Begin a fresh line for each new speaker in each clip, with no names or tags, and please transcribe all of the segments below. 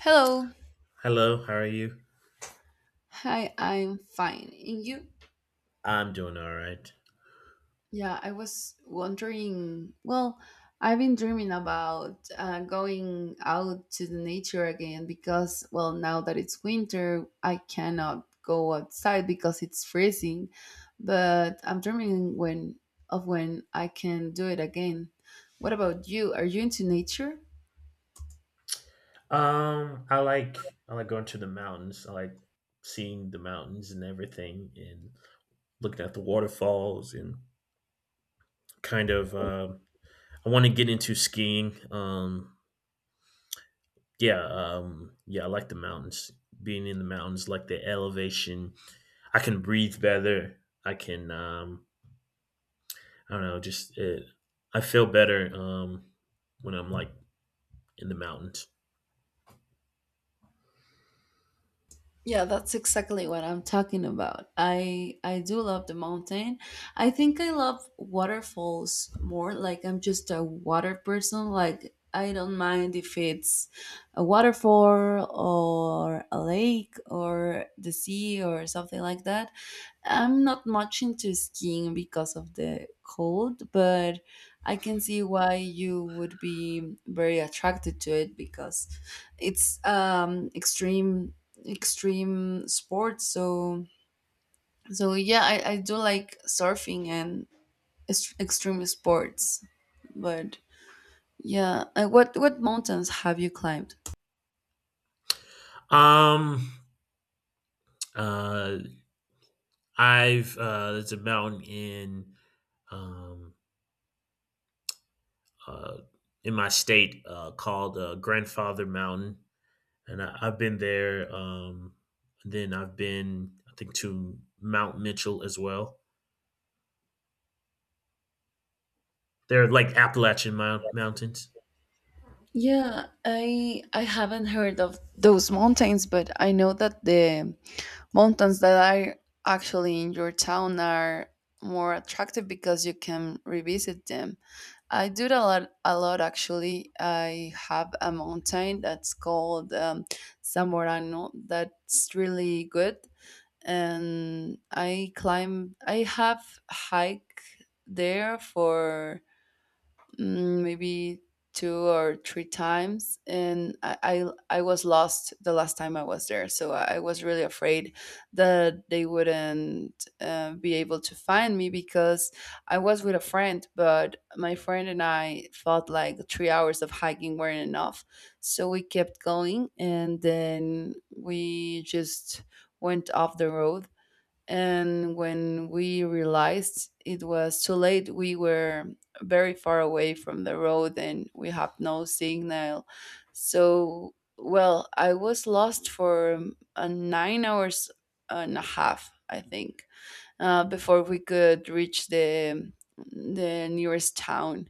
Hello.
Hello, how are you?
Hi, I'm fine. And you?
I'm doing all right.
Yeah, I was wondering. Well, I've been dreaming about going out to the nature again because, well, now that it's winter, I cannot go outside because it's freezing. But I'm dreaming when of when I can do it again. What about you? Are you into nature?
Um, I like I like going to the mountains. I like seeing the mountains and everything, and looking at the waterfalls, and kind of uh, I want to get into skiing. Yeah, yeah, I like the mountains. Being in the mountains, like the elevation, I can breathe better. I can, I don't know, I feel better when I'm like in the mountains.
Yeah, that's exactly what I'm talking about. I do love the mountain. I think I love waterfalls more. Like I'm just a water person. Like I don't mind if it's a waterfall or a lake or the sea or something like that. I'm not much into skiing because of the cold, but I can see why you would be very attracted to it because it's extreme extreme sports, so yeah, I do like surfing and extreme sports, but yeah. What mountains have you climbed?
Um, uh, I've There's a mountain um, uh, in my state called Grandfather Mountain, and I've been there. Then I've been, I think, to Mount Mitchell as well. They're like Appalachian mountains.
Yeah, I haven't heard of those mountains, but I know that the mountains that are actually in your town are more attractive because you can revisit them. I do it a lot actually. I have a mountain that's called San Morano, that's really good, and I climb. I have hike there for maybe two or three times, and I was lost the last time I was there, so I was really afraid that they wouldn't be able to find me, because I was with a friend, but my friend and I felt like 3 hours of hiking weren't enough, so we kept going, and then we just went off the road. And when we realized it was too late, we were very far away from the road and we had no signal. So, well, I was lost for 9 hours and a half, I think, before we could reach the nearest town.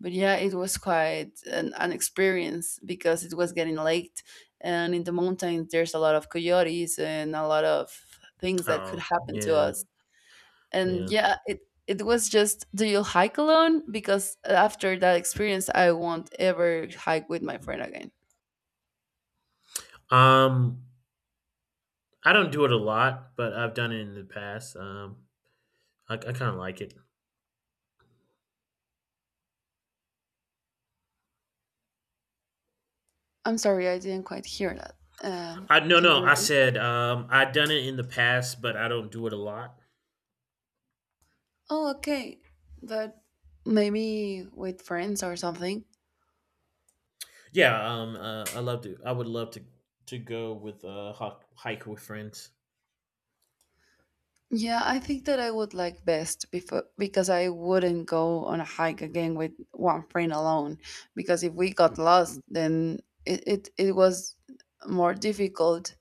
But yeah, it was quite an experience, because it was getting late, and in the mountains there's a lot of coyotes and a lot of things that could
Oh,
happen to
yeah,
us. And
yeah.
yeah, it was just, do you hike alone? Because after that experience, I won't ever hike with my friend again.
Um, I don't do it a lot, but I've done it in the past. I kind of like it.
I'm sorry, I didn't quite hear that. Um,
I no,
can
no.
you
I
repeat?
said I've done it in the past, but I don't do it a lot.
Oh, okay, but maybe with friends or something.
Yeah, I love to. I would love to go with hike with friends.
Yeah, I think that I would like best before, because I wouldn't go on a hike again with one friend alone, because if we got lost, then it was more difficult.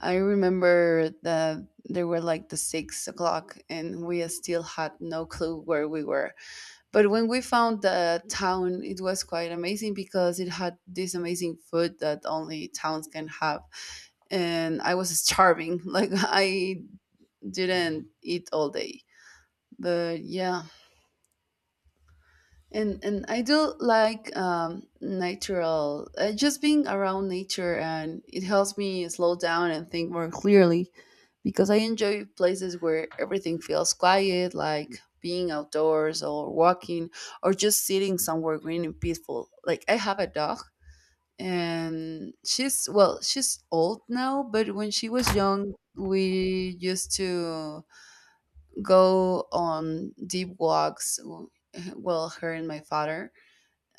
I remember that there were like the 6 o'clock and we still had no clue where we were. But when we found the town, it was quite amazing because it had this amazing food that only towns can have, and I was starving. Like I didn't eat all day, but yeah. And I do like natural, just being around nature, and it helps me slow down and think more clearly, because I enjoy places where everything feels quiet, like being outdoors or walking or just sitting somewhere green and peaceful. Like I have a dog, and she's, well, she's old now, but when she was young, we used to go on deep walks, well, her and my father,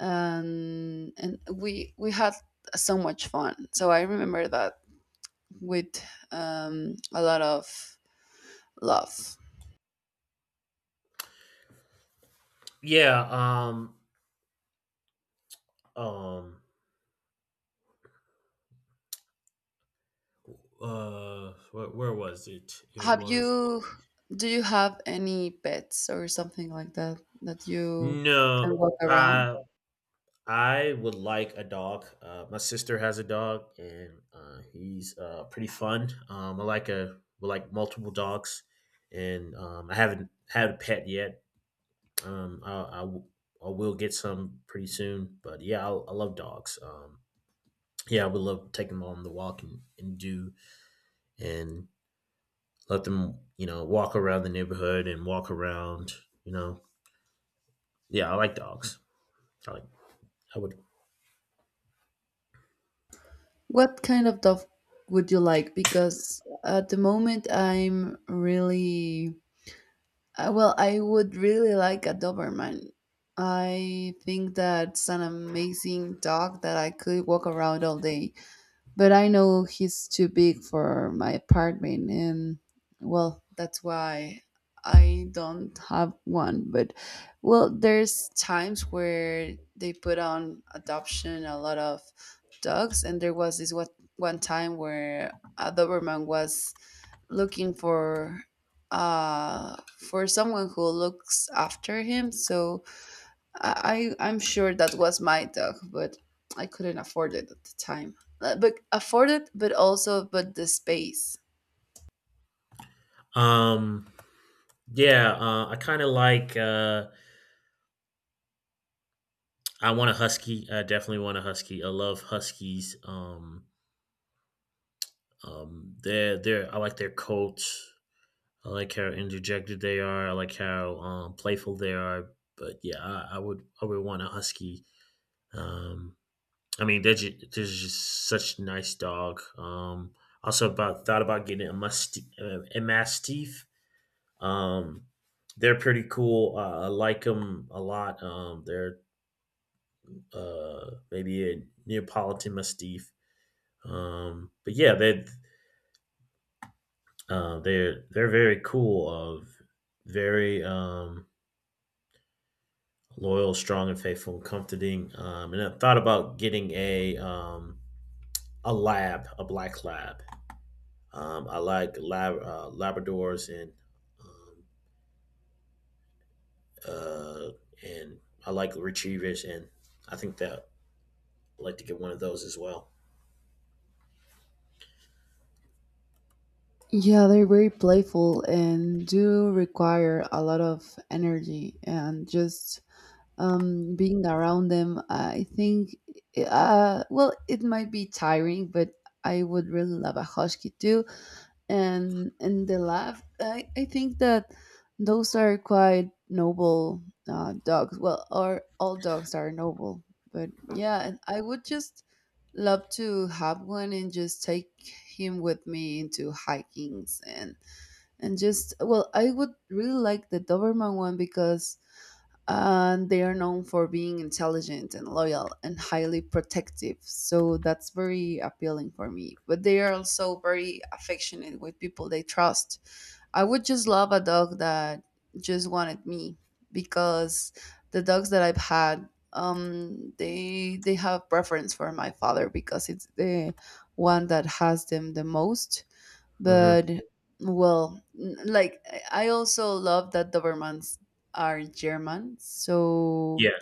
and we had so much fun. So I remember that with a lot of love.
Yeah, um, where was it? It
Have
was
you Do you have any pets or something like that that you can
no.
walk around?
I I would like a dog. My sister has a dog, and he's pretty fun. I like a we like multiple dogs, and I haven't had a pet yet. Um, I I w- I will get some pretty soon, but yeah, I love dogs. Yeah, I would love to take them on the walk and do and let them, walk around the neighborhood and walk around, you know. Yeah, I like dogs. I like I would
What kind of dog would you like? Because at the moment I'm really... well, I would really like a Doberman. I think that's an amazing dog that I could walk around all day. But I know he's too big for my apartment, and well, that's why I don't have one. But well, there's times where they put on adoption a lot of dogs, and there was this one time where a Doberman was looking for someone who looks after him, so I'm sure that was my dog, but I couldn't afford it at the time. But afford it but also but the space.
um yeah, I kind of like I want a husky. I definitely want a husky. I love huskies. They're I like their coats. I like how interjected they are. I like how playful they are. But yeah, I would want a husky. Um I mean, they're just such nice dog. Also about thought about getting a mastiff. Um, they're pretty cool. I like them a lot. They're Maybe a Neapolitan mastiff. But yeah, they're very cool. Of very loyal, strong, and faithful, and comforting. And I thought about getting a black lab. I like Labradors um, uh, and I like retrievers, and I think that I'd like to get one of those as well.
Yeah, they're very playful and do require a lot of energy, and just being around them, I think, well, it might be tiring, but I would really love a husky too. And the laugh, I think that those are quite noble dogs. Well, or all dogs are noble, but yeah, and I would just love to have one and just take him with me into hikings. And just, well, I would really like the Doberman one, because and they are known for being intelligent and loyal and highly protective. So that's very appealing for me. But they are also very affectionate with people they trust. I would just love a dog that just wanted me, because the dogs that I've had, they have preference for my father because it's the one that has them the most.
Hmm.
But well, like I also love that Dobermans are German, so
Yeah.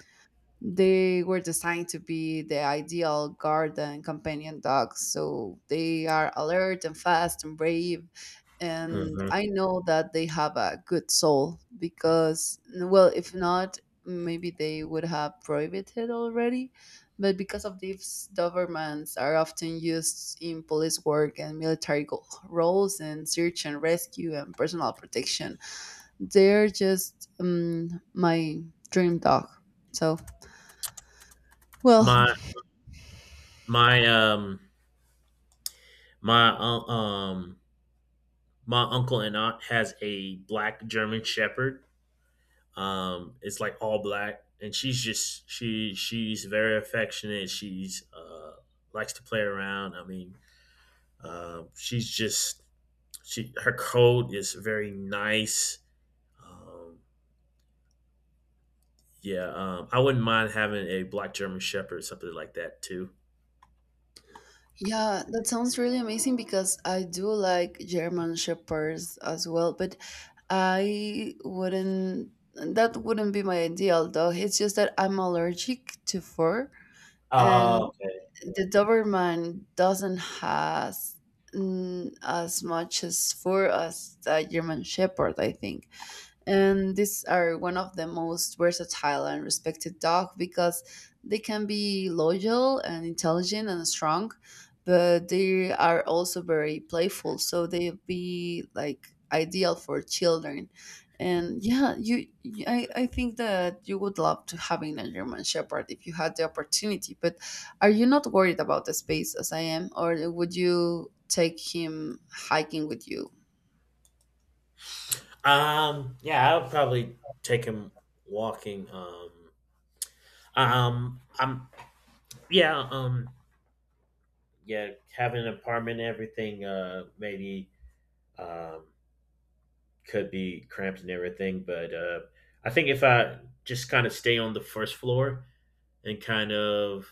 they were designed to be the ideal garden companion dogs, so they are alert and fast and brave. And
Hmm.
I know that they have a good soul, because, well, if not, maybe they would have prohibited already. But because of these, Dobermans are often used in police work and military roles, and search and rescue and personal protection. They're just my dream dog. So, well,
My my um my un- um my uncle and aunt has a black German Shepherd. It's like all black, and she's very affectionate. She's likes to play around. I mean, um, she's just she her code is very nice. Um, yeah, I wouldn't mind having a black German Shepherd, something like that too.
yeah, that sounds really amazing, because I do like German Shepherds as well, but I wouldn't, that wouldn't be my ideal dog. It's just that I'm allergic to fur,
Oh,
and
okay.
the Doberman doesn't has as much as fur as a German Shepherd, I think. And these are one of the most versatile and respected dogs, because they can be loyal and intelligent and strong, but they are also very playful. So they be like ideal for children. And yeah, I think that you would love to having a German Shepherd if you had the opportunity. But are you not worried about the space as I am, or would you take him hiking with you?
Yeah, I would probably take him walking. Um, I'm yeah, um, yeah, having an apartment and everything, maybe um could be cramped and everything, but I think if I just kind of stay on the first floor and kind of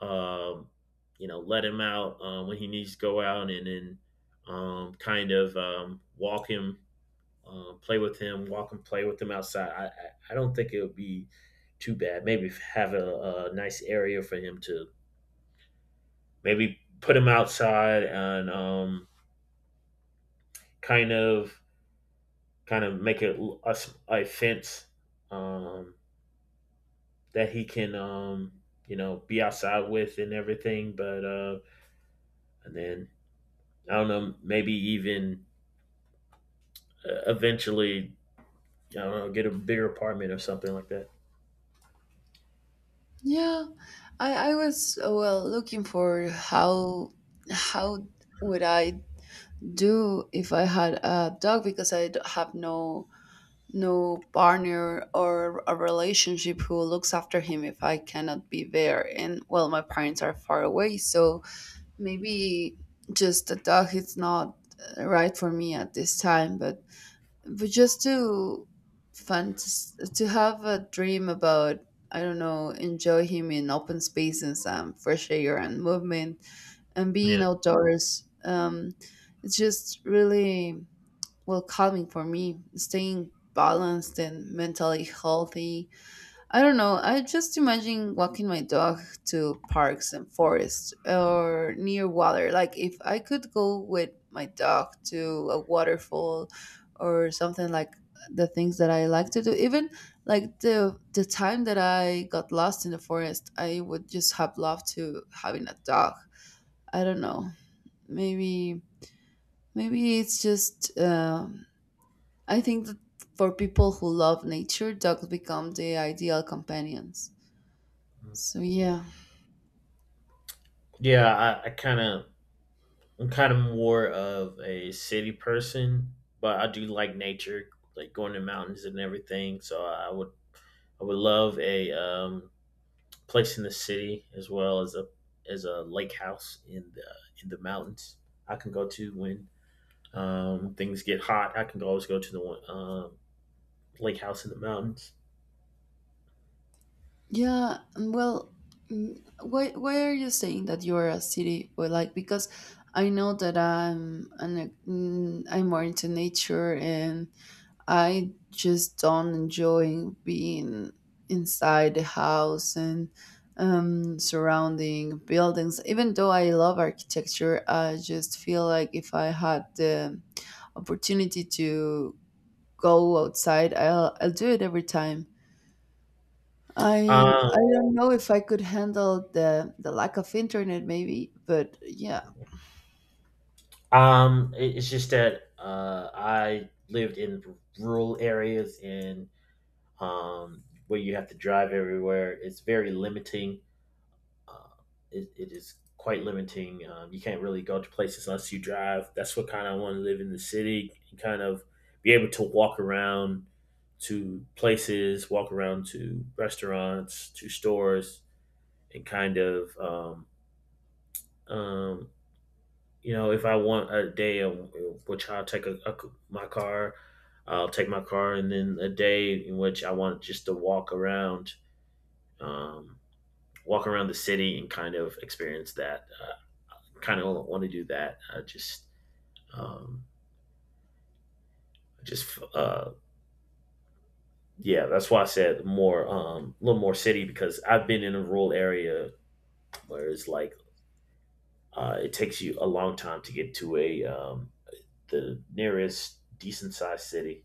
um, let him out when he needs to go out, and then kind of walk him, play with him, walk and play with him outside. I don't think it would be too bad. Maybe have a nice area for him to maybe put him outside and kind of kind of make it a, a fence um, that he can be outside with and everything. But and then I don't know, maybe even eventually, I don't know, get a bigger apartment or something like that.
Yeah, I was well, looking for how how would I do if I had a dog, because I have no no partner or a relationship who looks after him if I cannot be there. And well, my parents are far away, so maybe just a dog is not right for me at this time. But just to fantas to have a dream about, I don't know, enjoy him in open spaces and fresh air and movement and being
Yeah.
outdoors. It's just really, well, calming for me, staying balanced and mentally healthy. I don't know. I just imagine walking my dog to parks and forests or near water. Like if I could go with my dog to a waterfall or something like the things that I like to do. Even like the time that I got lost in the forest, I would just have loved to having a dog. I don't know. Maybe it's just I think that for people who love nature, dogs become the ideal companions. So yeah,
Yeah, I'm kind of more of a city person, but I do like nature, like going to mountains and everything. So I would love a place in the city as well as as a lake house in the mountains. I can go to when things get hot. I can always go to the one, lake house in the mountains.
yeah. and Well, why are you saying that you're a city boy? Like, because I know that I'm an I'm more into nature, and I just don't enjoy being inside the house and surrounding buildings. Even though I love architecture, I just feel like if I had the opportunity to go outside, I'll do it every time. I
Um,
don't know if I could handle the lack of internet maybe, but yeah.
It's just that I lived in rural areas and where you have to drive everywhere. It's very limiting. Uh, it is quite limiting. You can't really go to places unless you drive. That's what kind of want to live in the city and kind of be able to walk around to places, walk around to restaurants, to stores, and kind of um, if I want a day, which I'll take my car, I'll take my car, and then a day in which I want just to um, walk around the city and kind of experience that. Kind of want to do that. I um, just Yeah, that's why I said more, a little more city because I've been in a rural area where it takes you a long time to get to a the nearest decent sized city.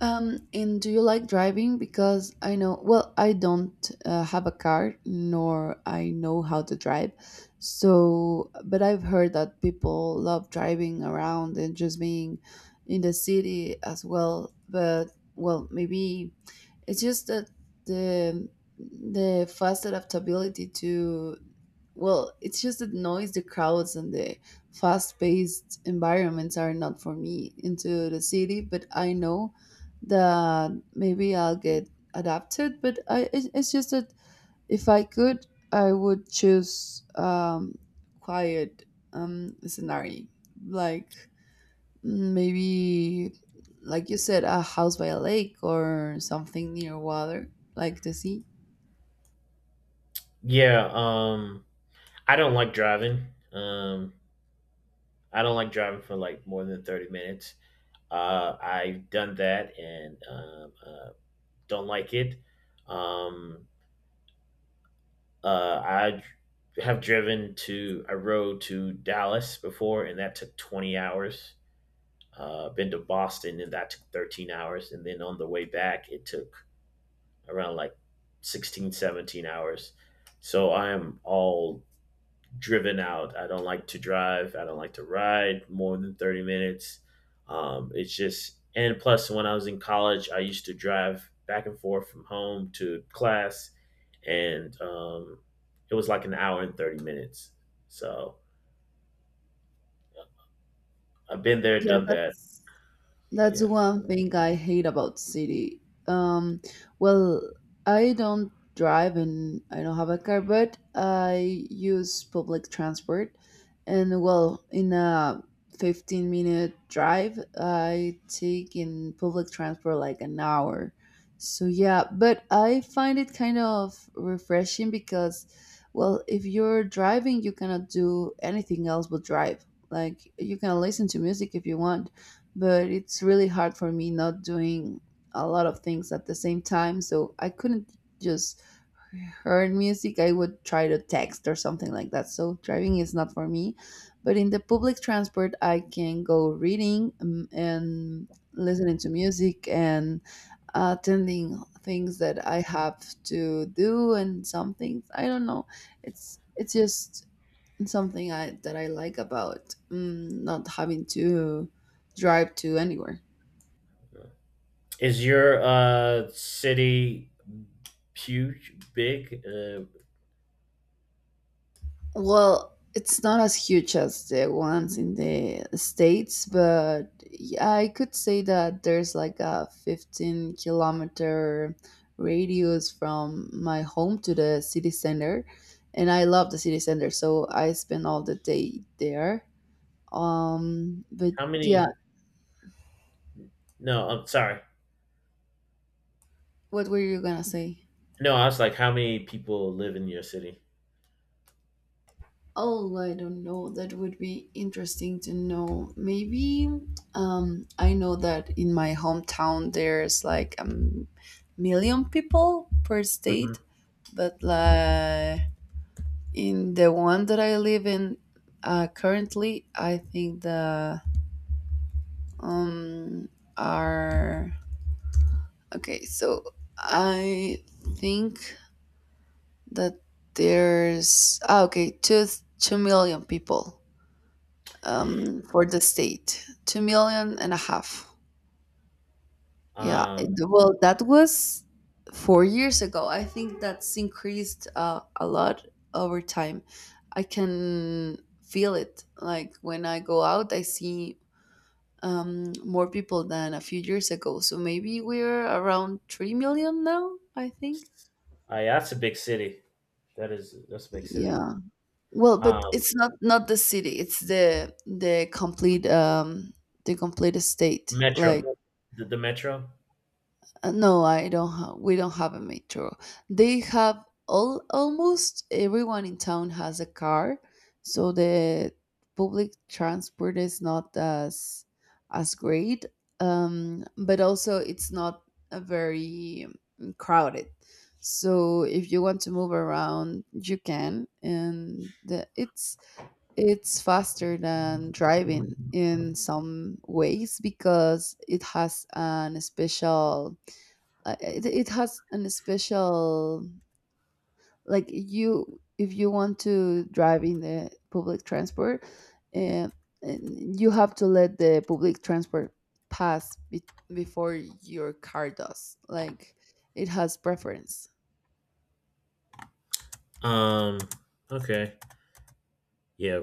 And do you like driving? Because I know, well, I don't have a car, nor I know how to drive. So, but I've heard that people love driving around and just being in the city as well. But well, maybe it's just that the the fast adaptability to... Well, it's just that noise, the crowds, and the fast paced environments are not for me into the city, but I know that maybe I'll get adapted. But it's just that if I could, I would choose quiet scenario. Like maybe, like you said, a house by a lake or something near water, like the sea.
Yeah, I don't like driving. Um, I don't like driving for like more than 30 minutes. I've done that and don't like it. Um, I d- have driven to, I rode to Dallas before and that took 20 hours. Been to Boston and that took 13 hours. And then on the way back, it took around like 16, 17 hours. So I am all driven out. I don't like to drive. I don't like to ride more than 30 minutes. It's just, and plus, when I was in college, I used to drive back and forth from home to class, and it was like an hour and 30 minutes. So I've been there,
Yeah,
done that.
that's
Yeah.
one thing I hate about city. Um, well, I don't drive and I don't have a car, but I use public transport. And well, in a 15-minute drive, I take in public transport like an hour. So yeah, but I find it kind of refreshing because, well, if you're driving, you cannot do anything else but drive. Like you can listen to music if you want, but it's really hard for me not doing a lot of things at the same time, so I couldn't just hear music. I would try to text or something like that. So driving is not for me, but in the public transport I can go reading and listening to music and attending things that I have to do and some things. I don't know, it's just something that I like about not having to drive to anywhere.
Is your city huge, big?
Well, it's not as huge as the ones in the States, but yeah, I could say that there's like a 15-kilometer radius from my home to the city center. And I love the city center, so I spend all the day there. But
How
yeah,
many? No, I'm sorry.
what were you gonna say?
No, I was like, how many people live in your city?
Oh, I don't know. That would be interesting to know. Maybe I know that in my hometown there's like a million people per state,
Mhm.
but like in the one that I live in currently, I think the um are okay. So I think that there's ah, okay two million people, for the state. 2 million and a half. Yeah. it-
Um,
well, that was 4 years ago. I think that's increased a lot over time. I can feel it. Like when I go out, I see more people than a few years ago. So maybe we're around 3 million now, I think.
s- yeah, that's a big city. That's a big city.
Yeah. Well, but
Um,
it's not not the city. It's the complete the complete estate. Like
Metro, the metro.
No, I don't have. We don't have a metro. They have all almost everyone in town has a car, so the public transport is not as as great. But also it's not a very crowded. So if you want to move around, you can, and it's faster than driving in some ways because it has an special it has an special, like you if you want to drive in the public transport and, and you have to let the public transport pass before your car does, like it has preference.
Um, okay, yeah,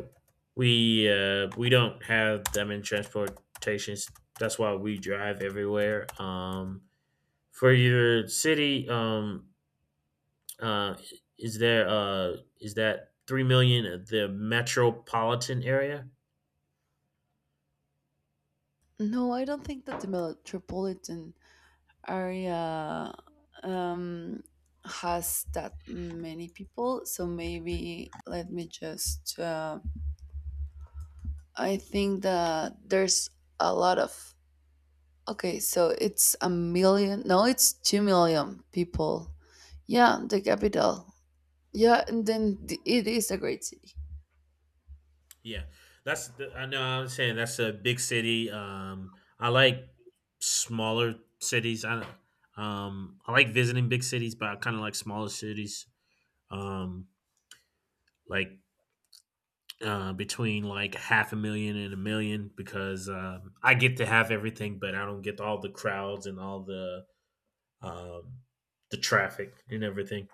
we don't have that many transportations. That's why we drive everywhere. For your city, Uh, is there is that 3 million the metropolitan area?
No, I don't think that the metropolitan area um, has that many people. So maybe let me just. I think that there's a lot of. Okay, so it's a million. No, it's 2 million people. Yeah, the capital. Yeah, and then it is a great city.
Yeah, I know I'm saying that's a big city. I like smaller cities. I like visiting big cities, but I kind of like smaller cities. Um, like Between like half a million and a million because I get to have everything, but I don't get all the crowds and all um the traffic and everything.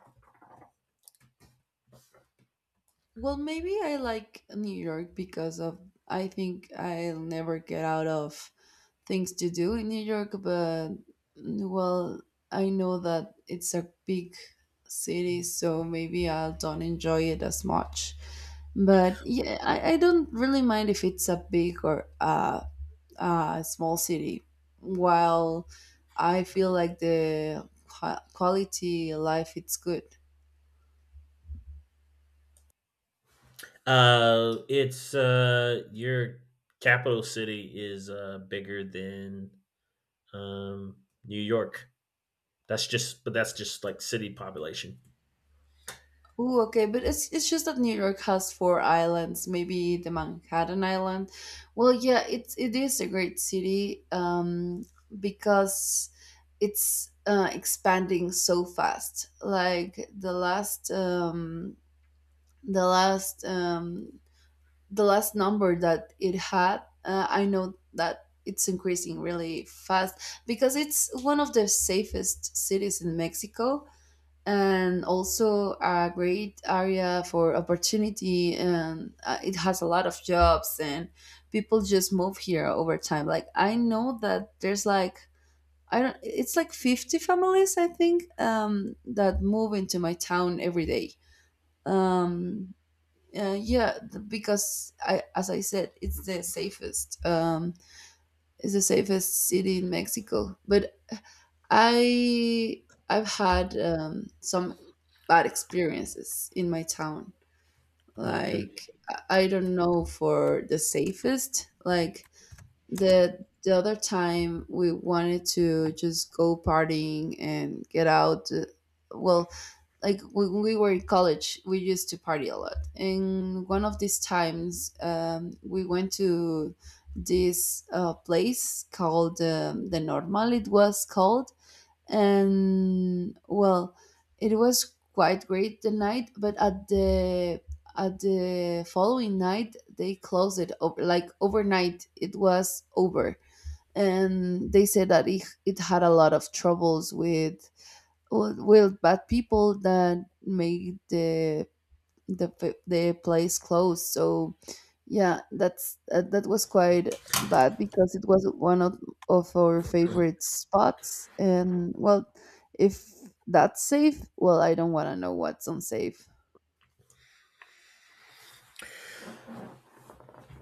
Well, maybe I like New York because of. I think I'll never get out of things to do in New York, but well, I know that it's a big city, so maybe I don't enjoy it as much. But yeah, I don't really mind if it's a big or a small city. While I feel like the quality life it's good.
It's Your capital city is bigger than um New York. But that's just like city population.
Ooh, okay, but it's just that New York has four islands, maybe the Manhattan Island. Well, yeah, it is a great city because it's expanding so fast. Like the last um the last number that it had, I know that it's increasing really fast because it's one of the safest cities in Mexico, and also a great area for opportunity, and it has a lot of jobs, and people just move here over time. Like I know that there's like, I don't, it's like 50 families, I think, that move into my town every day. um, yeah, because I, as I said, it's the safest city in Mexico. But I I've had some bad experiences in my town.
Okay.
Like I don't know for the safest. Like the other time we wanted to just go partying and get out. Well, like when we were in college, we used to party a lot. And one of these times, we went to this place called the Normal, it was called. And well, it was quite great the night, but at the following night they closed it over, like overnight it was over. And they said that it had a lot of troubles with bad people that made the place closed. So yeah, that's that, that was quite bad because it was one of our favorite spots. And well, if that's safe, well, I don't want to know what's unsafe.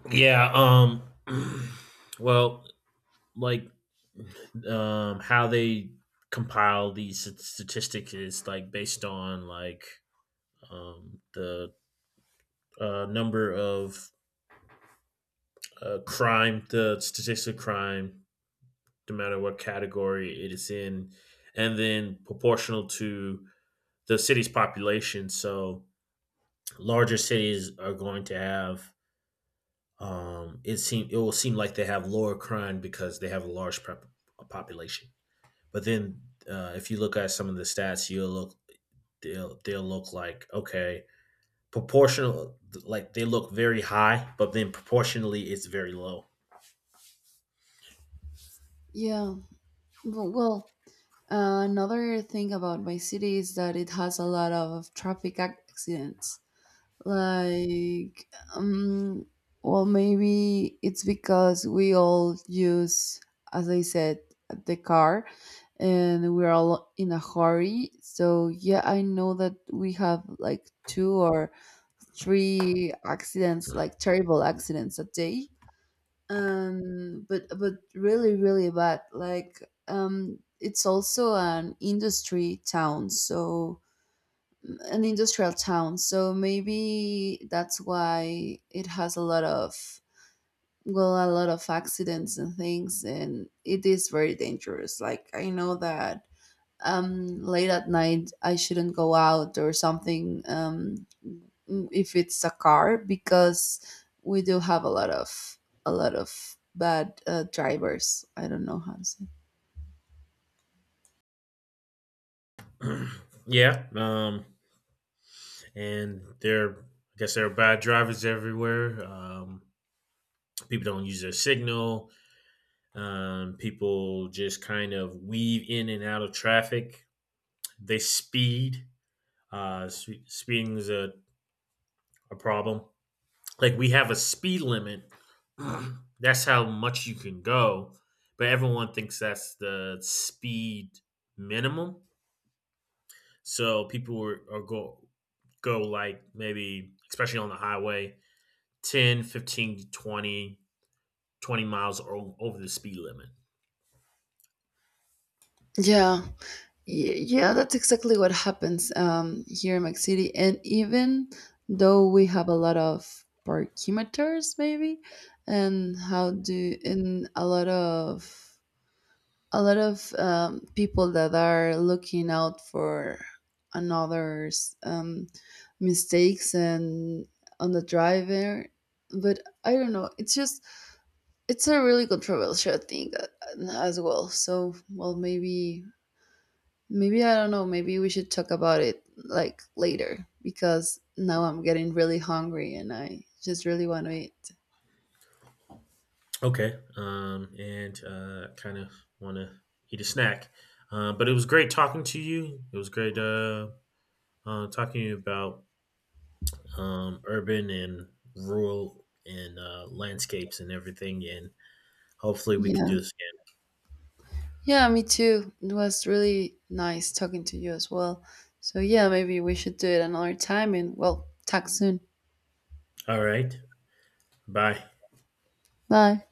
Yeah. Well, like, how they compile these statistics is like based on like the number of crime, the statistic of crime no matter what category it is in, and then proportional to the city's population. So larger cities are going to have it will seem like they have lower crime because they have a large population. But then if you look at some of the stats, you'll look they'll look like okay proportional like they look very high, but then proportionally it's very low.
Yeah. Well, another thing about my city is that it has a lot of traffic accidents. Like, um, well, maybe it's because we all use, as I said, the car, and we're all in a hurry. So yeah, I know that we have like two or three accidents, like terrible accidents a day. But really, really bad. Like, it's also an industry town, so an industrial town, so maybe that's why it has a lot of, well, a lot of accidents and things. And it is very dangerous. Like I know that late at night I shouldn't go out or something. If it's a car, because we do have a lot of bad drivers, I don't know how to say.
Yeah, I guess there are bad drivers everywhere. People don't use their signal. People just kind of weave in and out of traffic. They speed. Uh, Speeding is a problem. Like we have a speed limit. That's how much you can go, but everyone thinks that's the speed minimum. So people are go like maybe especially on the highway ten, 15, 20, 20 miles over the speed limit.
Yeah. Yeah, that's exactly what happens here in Mexico City. And even though we have a lot of parkimeters, maybe, and how do, and a lot of people that are looking out for another's mistakes and on the driver, but I don't know. It's just it's a really controversial thing as well. So well, maybe I don't know, maybe we should talk about it like later, because now I'm getting really hungry and I just really want to eat.
Okay. And Kind of want to eat a snack. But it was great talking to you. It was great talking to you about urban and rural and landscapes and everything. And hopefully we can
Yeah.
do this
Yeah, me too. It was really nice talking to you as well. So yeah, maybe we should do it another time and, well, talk soon.
again. All right. Bye.
Bye.